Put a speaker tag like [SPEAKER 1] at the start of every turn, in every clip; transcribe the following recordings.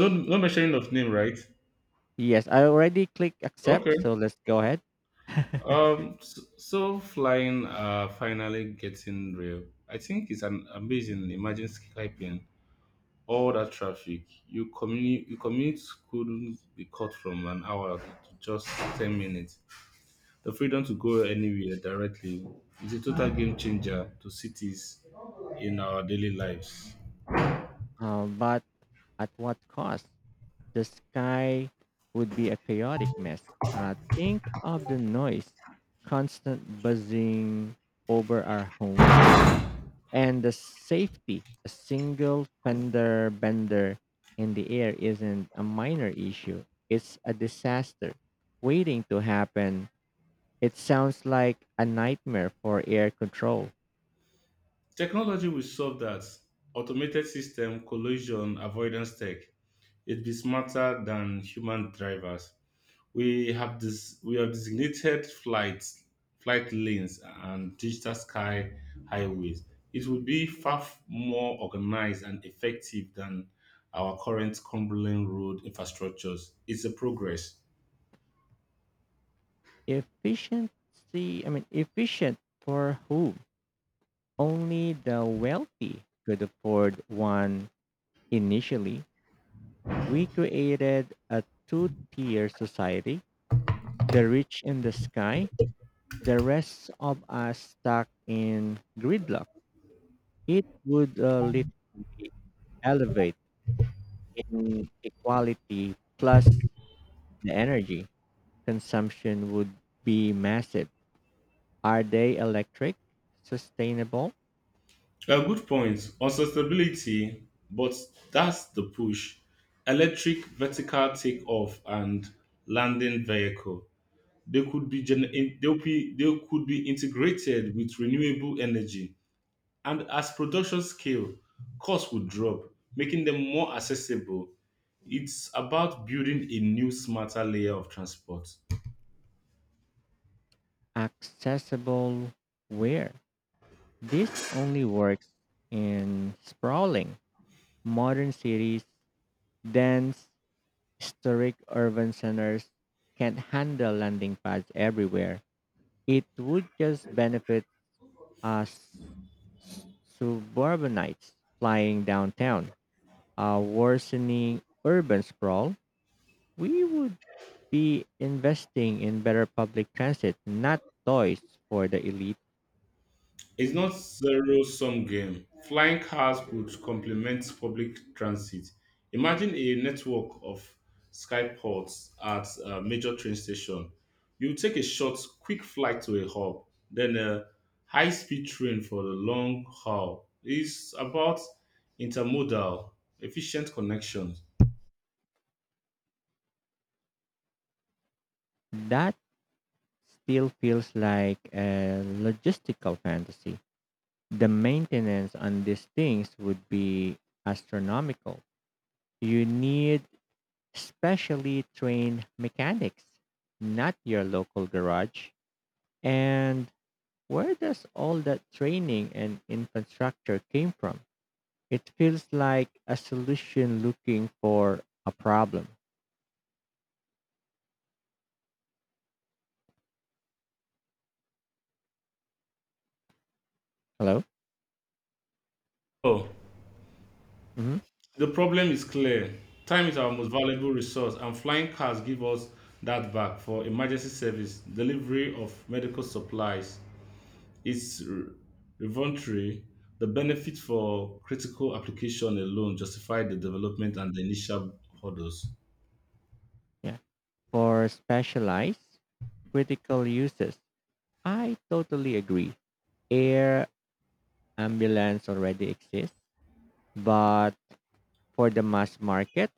[SPEAKER 1] No, no mentioning of name, right?
[SPEAKER 2] Yes, I already click
[SPEAKER 1] Okay.
[SPEAKER 2] accept, so let's go ahead.
[SPEAKER 1] So flying, finally getting real. I think it's an amazing. Imagine skyping all that traffic. You commute. You commute couldn't be cut from an hour to just 10 minutes. The freedom to go anywhere directly is a total game changer to cities in our daily lives.
[SPEAKER 2] But at what cost? The sky would be a chaotic mess. Think of the noise, constant buzzing over our home, and the safety. A single fender bender in the air isn't a minor issue, it's a disaster waiting to happen. It sounds like a nightmare for air control.
[SPEAKER 1] Technology will solve that. Automated system, collision avoidance tech. It'd be smarter than human drivers. We have this. We have designated flights, flight lanes, and digital sky highways. It would be far more organized and effective than our current crumbling road infrastructures. It's a progress.
[SPEAKER 2] Efficiency, I mean, efficient for whom? Only the wealthy could afford one initially. We created a two tier society, the rich in the sky, the rest of us stuck in gridlock. It would literally elevate inequality, plus the energy consumption would be massive. Are they electric, sustainable?
[SPEAKER 1] A good point on sustainability, but that's the push. Electric vertical takeoff and landing vehicle. They could be gen- in- they'll be they could be integrated with renewable energy, and as production scale, costs would drop, making them more accessible. It's about building a new smarter layer of transport.
[SPEAKER 2] Accessible where? This only works in sprawling modern cities. Dense historic urban centers can't handle landing pads everywhere. It would just benefit us suburbanites flying downtown, a worsening urban sprawl. We would be investing in better public transit, not toys for the elite.
[SPEAKER 1] It's not zero sum game. Flying cars could complement public transit. Imagine a network of skyports at a major train station. You take a short, quick flight to a hub, then a high speed train for the long haul. It's about intermodal, efficient connections.
[SPEAKER 2] That still feels like a logistical fantasy. The maintenance on these things would be astronomical. You need specially trained mechanics, not your local garage. And where does all that training and infrastructure came from? It feels like a solution looking for a problem. Hello?
[SPEAKER 1] Oh.
[SPEAKER 2] Hmm.
[SPEAKER 1] The problem is clear. Time is our most valuable resource, and flying cars give us that back for emergency service, delivery of medical supplies. It's revolutionary. The benefit for critical application alone justify the development and the initial hurdles.
[SPEAKER 2] Yeah. For specialized critical uses, I totally agree. Air ambulance already exists, but for the mass market,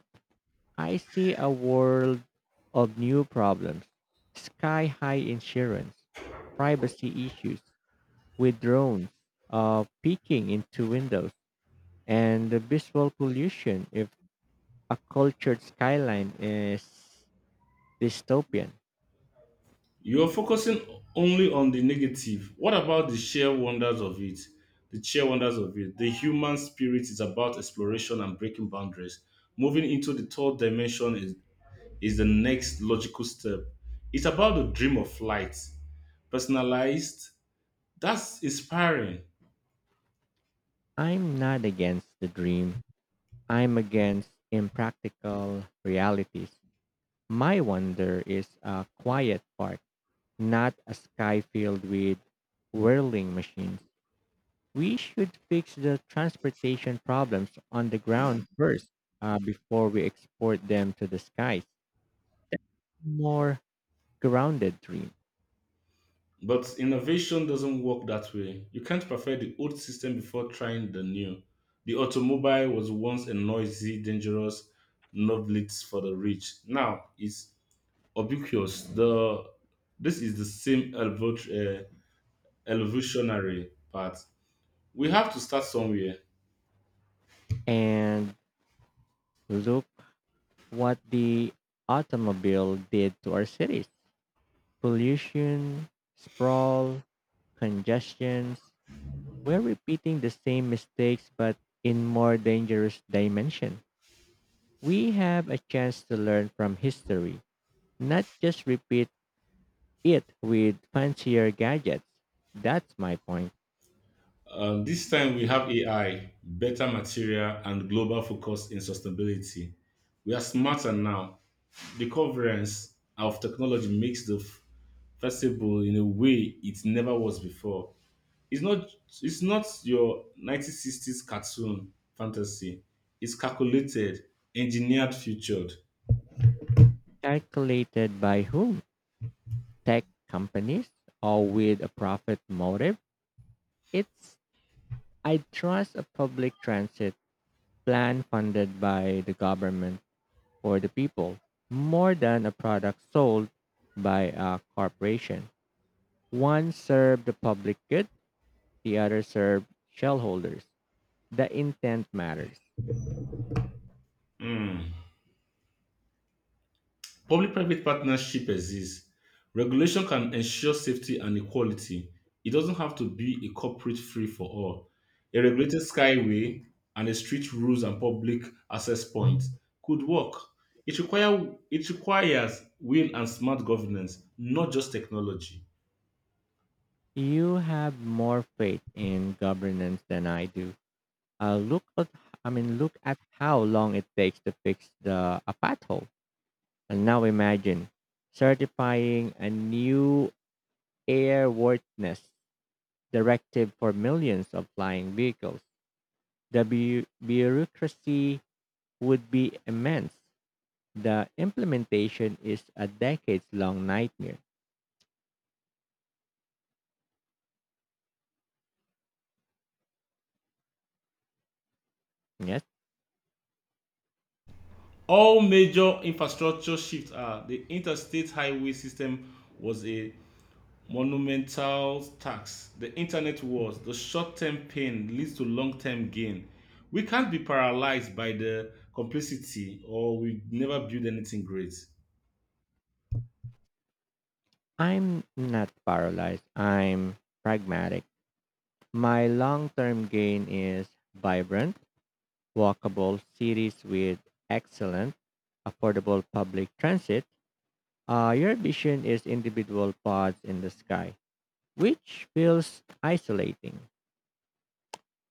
[SPEAKER 2] I see a world of new problems. Sky high insurance, privacy issues with drones peeking into windows, and the visual pollution if a cultured skyline is dystopian.
[SPEAKER 1] You're focusing only on the negative. What about the sheer wonders of it? The sheer wonders of it. The human spirit is about exploration and breaking boundaries. Moving into the third dimension is. Is the next logical step. It's about the dream of flight, personalized. That's inspiring.
[SPEAKER 2] I'm not against the dream, I'm against impractical realities. My wonder is a quiet park, not a sky filled with whirling machines. We should fix the transportation problems on the ground first, before we export them to the skies. More grounded dream.
[SPEAKER 1] But innovation doesn't work that way. You can't perfect the old system before trying the new. The automobile was once a noisy, dangerous novelty for the rich. Now it's ubiquitous. The this is the same evolutionary part. We have to start somewhere.
[SPEAKER 2] And look what the automobile did to our cities: pollution, sprawl, congestions. We're repeating the same mistakes, but in more dangerous dimension. We have a chance to learn from history, not just repeat it with fancier gadgets. That's my point.
[SPEAKER 1] This time we have AI, better material, and global focus in sustainability. We are smarter now. The coverance of technology makes the festival in a way it never was before. It's not it's not your 1960s cartoon fantasy. It's calculated, engineered, featured.
[SPEAKER 2] Calculated by whom? Tech companies or with a profit motive? It's, I trust a public transit plan funded by the government for the people more than a product sold by a corporation. One served the public good, the other served shareholders. The intent matters.
[SPEAKER 1] Hmm. Public private partnership exists. Regulation can ensure safety and equality. It doesn't have to be a corporate free for all. A regulated skyway and a strict rules and public access points could work. It requires will and smart governance, not just technology.
[SPEAKER 2] You have more faith in governance than I do. Look at, I mean, look at how long it takes to fix the a pothole, and now imagine certifying a new airworthiness directive for millions of flying vehicles. The bureaucracy would be immense. The implementation is a decades long nightmare. Yes,
[SPEAKER 1] All major infrastructure shifts are the interstate highway system was a monumental tax, the internet wars, the short term pain leads to long term gain. We can't be paralyzed by the complicity or we never build anything great.
[SPEAKER 2] I'm not paralyzed. I'm pragmatic. My long term gain is vibrant, walkable cities with excellent, affordable public transit. Your vision is individual pods in the sky, which feels isolating.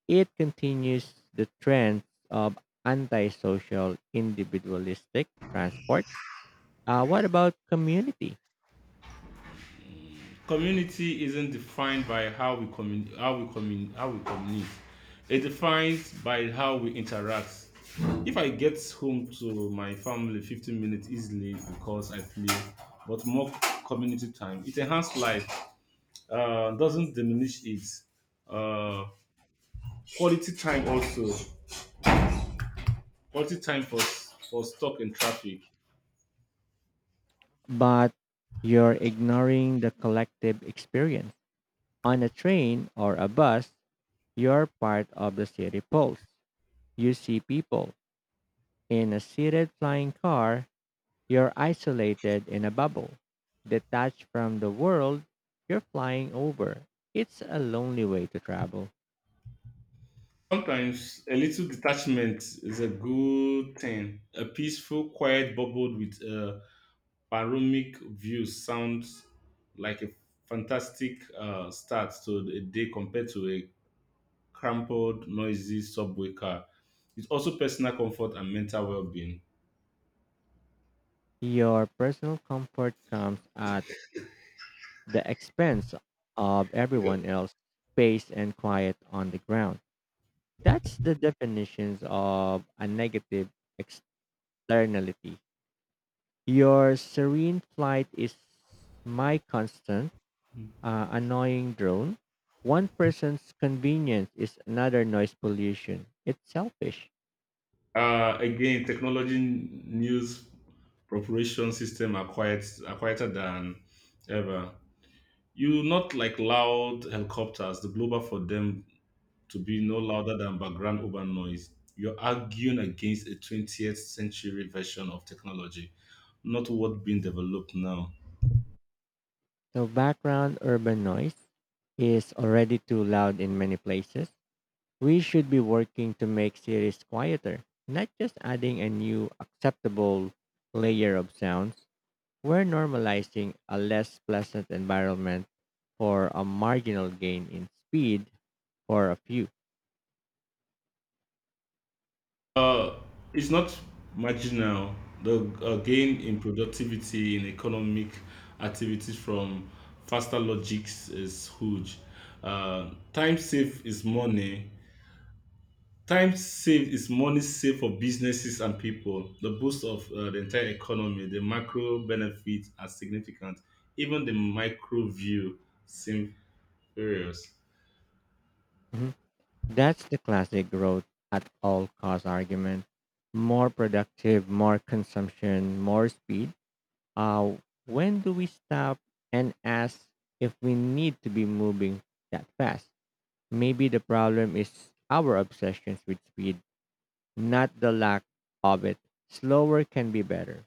[SPEAKER 2] It continues the trend of antisocial individualistic transport. What about community?
[SPEAKER 1] Community isn't defined by how we communicate. It's defined by how we interact. If I get home to my family 15 minutes easily because I play, but more community time, it enhances life, doesn't diminish it. Uh, quality time also quality time for stuck in traffic.
[SPEAKER 2] But you're ignoring the collective experience. On a train or a bus, you're part of the city pulse. You see people. In a seated flying car, you're isolated in a bubble. Detached from the world you're flying over. It's a lonely way to travel.
[SPEAKER 1] Sometimes a little detachment is a good thing. A peaceful quiet bubble with a panoramic view sounds like a fantastic start to a day compared to a crumpled noisy subway car. It's also personal comfort and mental well-being.
[SPEAKER 2] Your personal comfort comes at the expense of everyone else, space and quiet on the ground. That's the definitions of a negative externality. Your serene flight is my constant annoying drone. One person's convenience is another noise pollution. It's selfish.
[SPEAKER 1] Again, technology news preparation system are quieter than ever. You not like loud helicopters, the global for them to be no louder than background urban noise. You're arguing against a 20th century version of technology, not what being developed now.
[SPEAKER 2] So background urban noise is already too loud in many places. We should be working to make cities quieter, not just adding a new acceptable layer of sounds. We're normalizing a less pleasant environment for a marginal gain in speed for a few.
[SPEAKER 1] Uh, it's not marginal. The gain in productivity in economic activities from faster logics is huge. Time save is money. Time saved is money saved for businesses and people. The boost of the entire economy, the macro benefits are significant. Even the micro view seems furious.
[SPEAKER 2] Mhm. That's the classic growth at all cost argument. More productive, more consumption, more speed. Uh, when do we stop and ask if we need to be moving that fast? Maybe the problem is our obsessions with speed, not the lack of it. Slower can be better.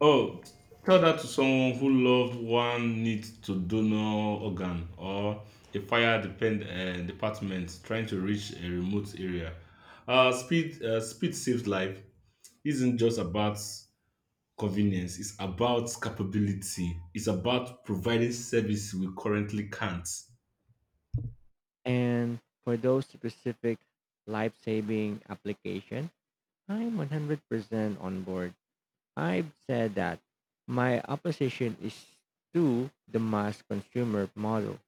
[SPEAKER 1] Oh, tell that to someone who loved one needs to donor organ or a fire department trying to reach a remote area. Speed saves life. Isn't just about convenience. It's about capability. It's about providing service we currently can't.
[SPEAKER 2] And for those specific life saving application, I'm 100% on board. I've said that my opposition is to the mass consumer model.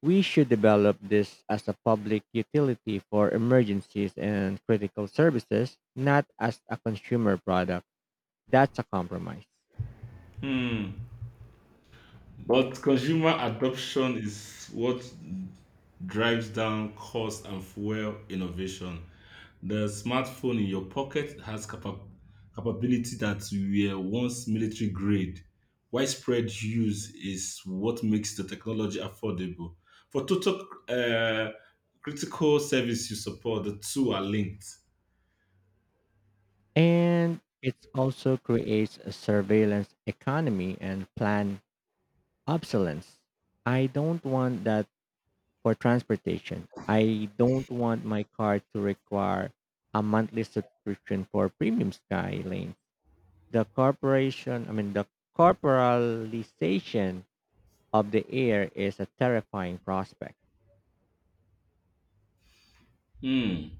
[SPEAKER 2] We should develop this as a public utility for emergencies and critical services, not as a consumer product. That's a compromise.
[SPEAKER 1] Hmm. But consumer adoption is what drives down cost and fuel innovation. The smartphone in your pocket has capability that were once military grade. Widespread use is what makes the technology affordable. For total critical service you support, the two are linked.
[SPEAKER 2] And it also creates a surveillance economy and planned obsolescence. I don't want that for transportation. I don't want my car to require a monthly subscription for premium sky lanes. The corporation, I mean, the corporalization of the air is a terrifying prospect.
[SPEAKER 1] Hmm.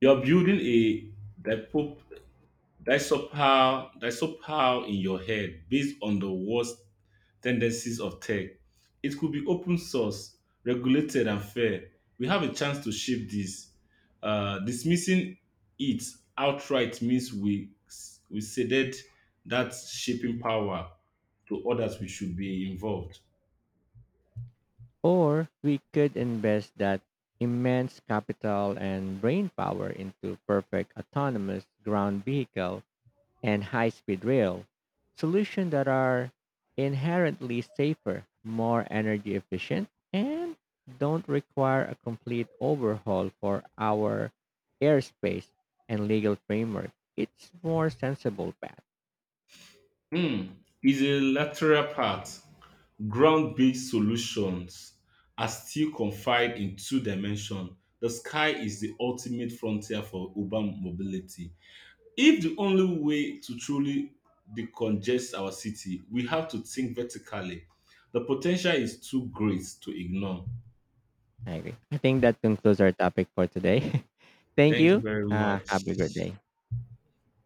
[SPEAKER 1] You're building a dipo- disopal in your head based on the worst tendencies of tech. It could be open source, regulated, and fair. We have a chance to shape this. Dismissing it outright means we ceded that shaping power to others. We should be involved.
[SPEAKER 2] Or we could invest that immense capital and brain power into perfect autonomous ground vehicle and high speed rail, solutions that are inherently safer, more energy efficient, and don't require a complete overhaul for our airspace and legal framework. It's more sensible path.
[SPEAKER 1] Hmm. It's a lateral part. Ground-based solutions are still confined in two dimensions. The sky is the ultimate frontier for urban mobility. If the only way to truly decongest our city, we have to think vertically. The potential is too great to ignore.
[SPEAKER 2] I agree. I think that concludes our topic for today. Thank
[SPEAKER 1] Thank you
[SPEAKER 2] you.
[SPEAKER 1] very much.
[SPEAKER 2] Have a great day.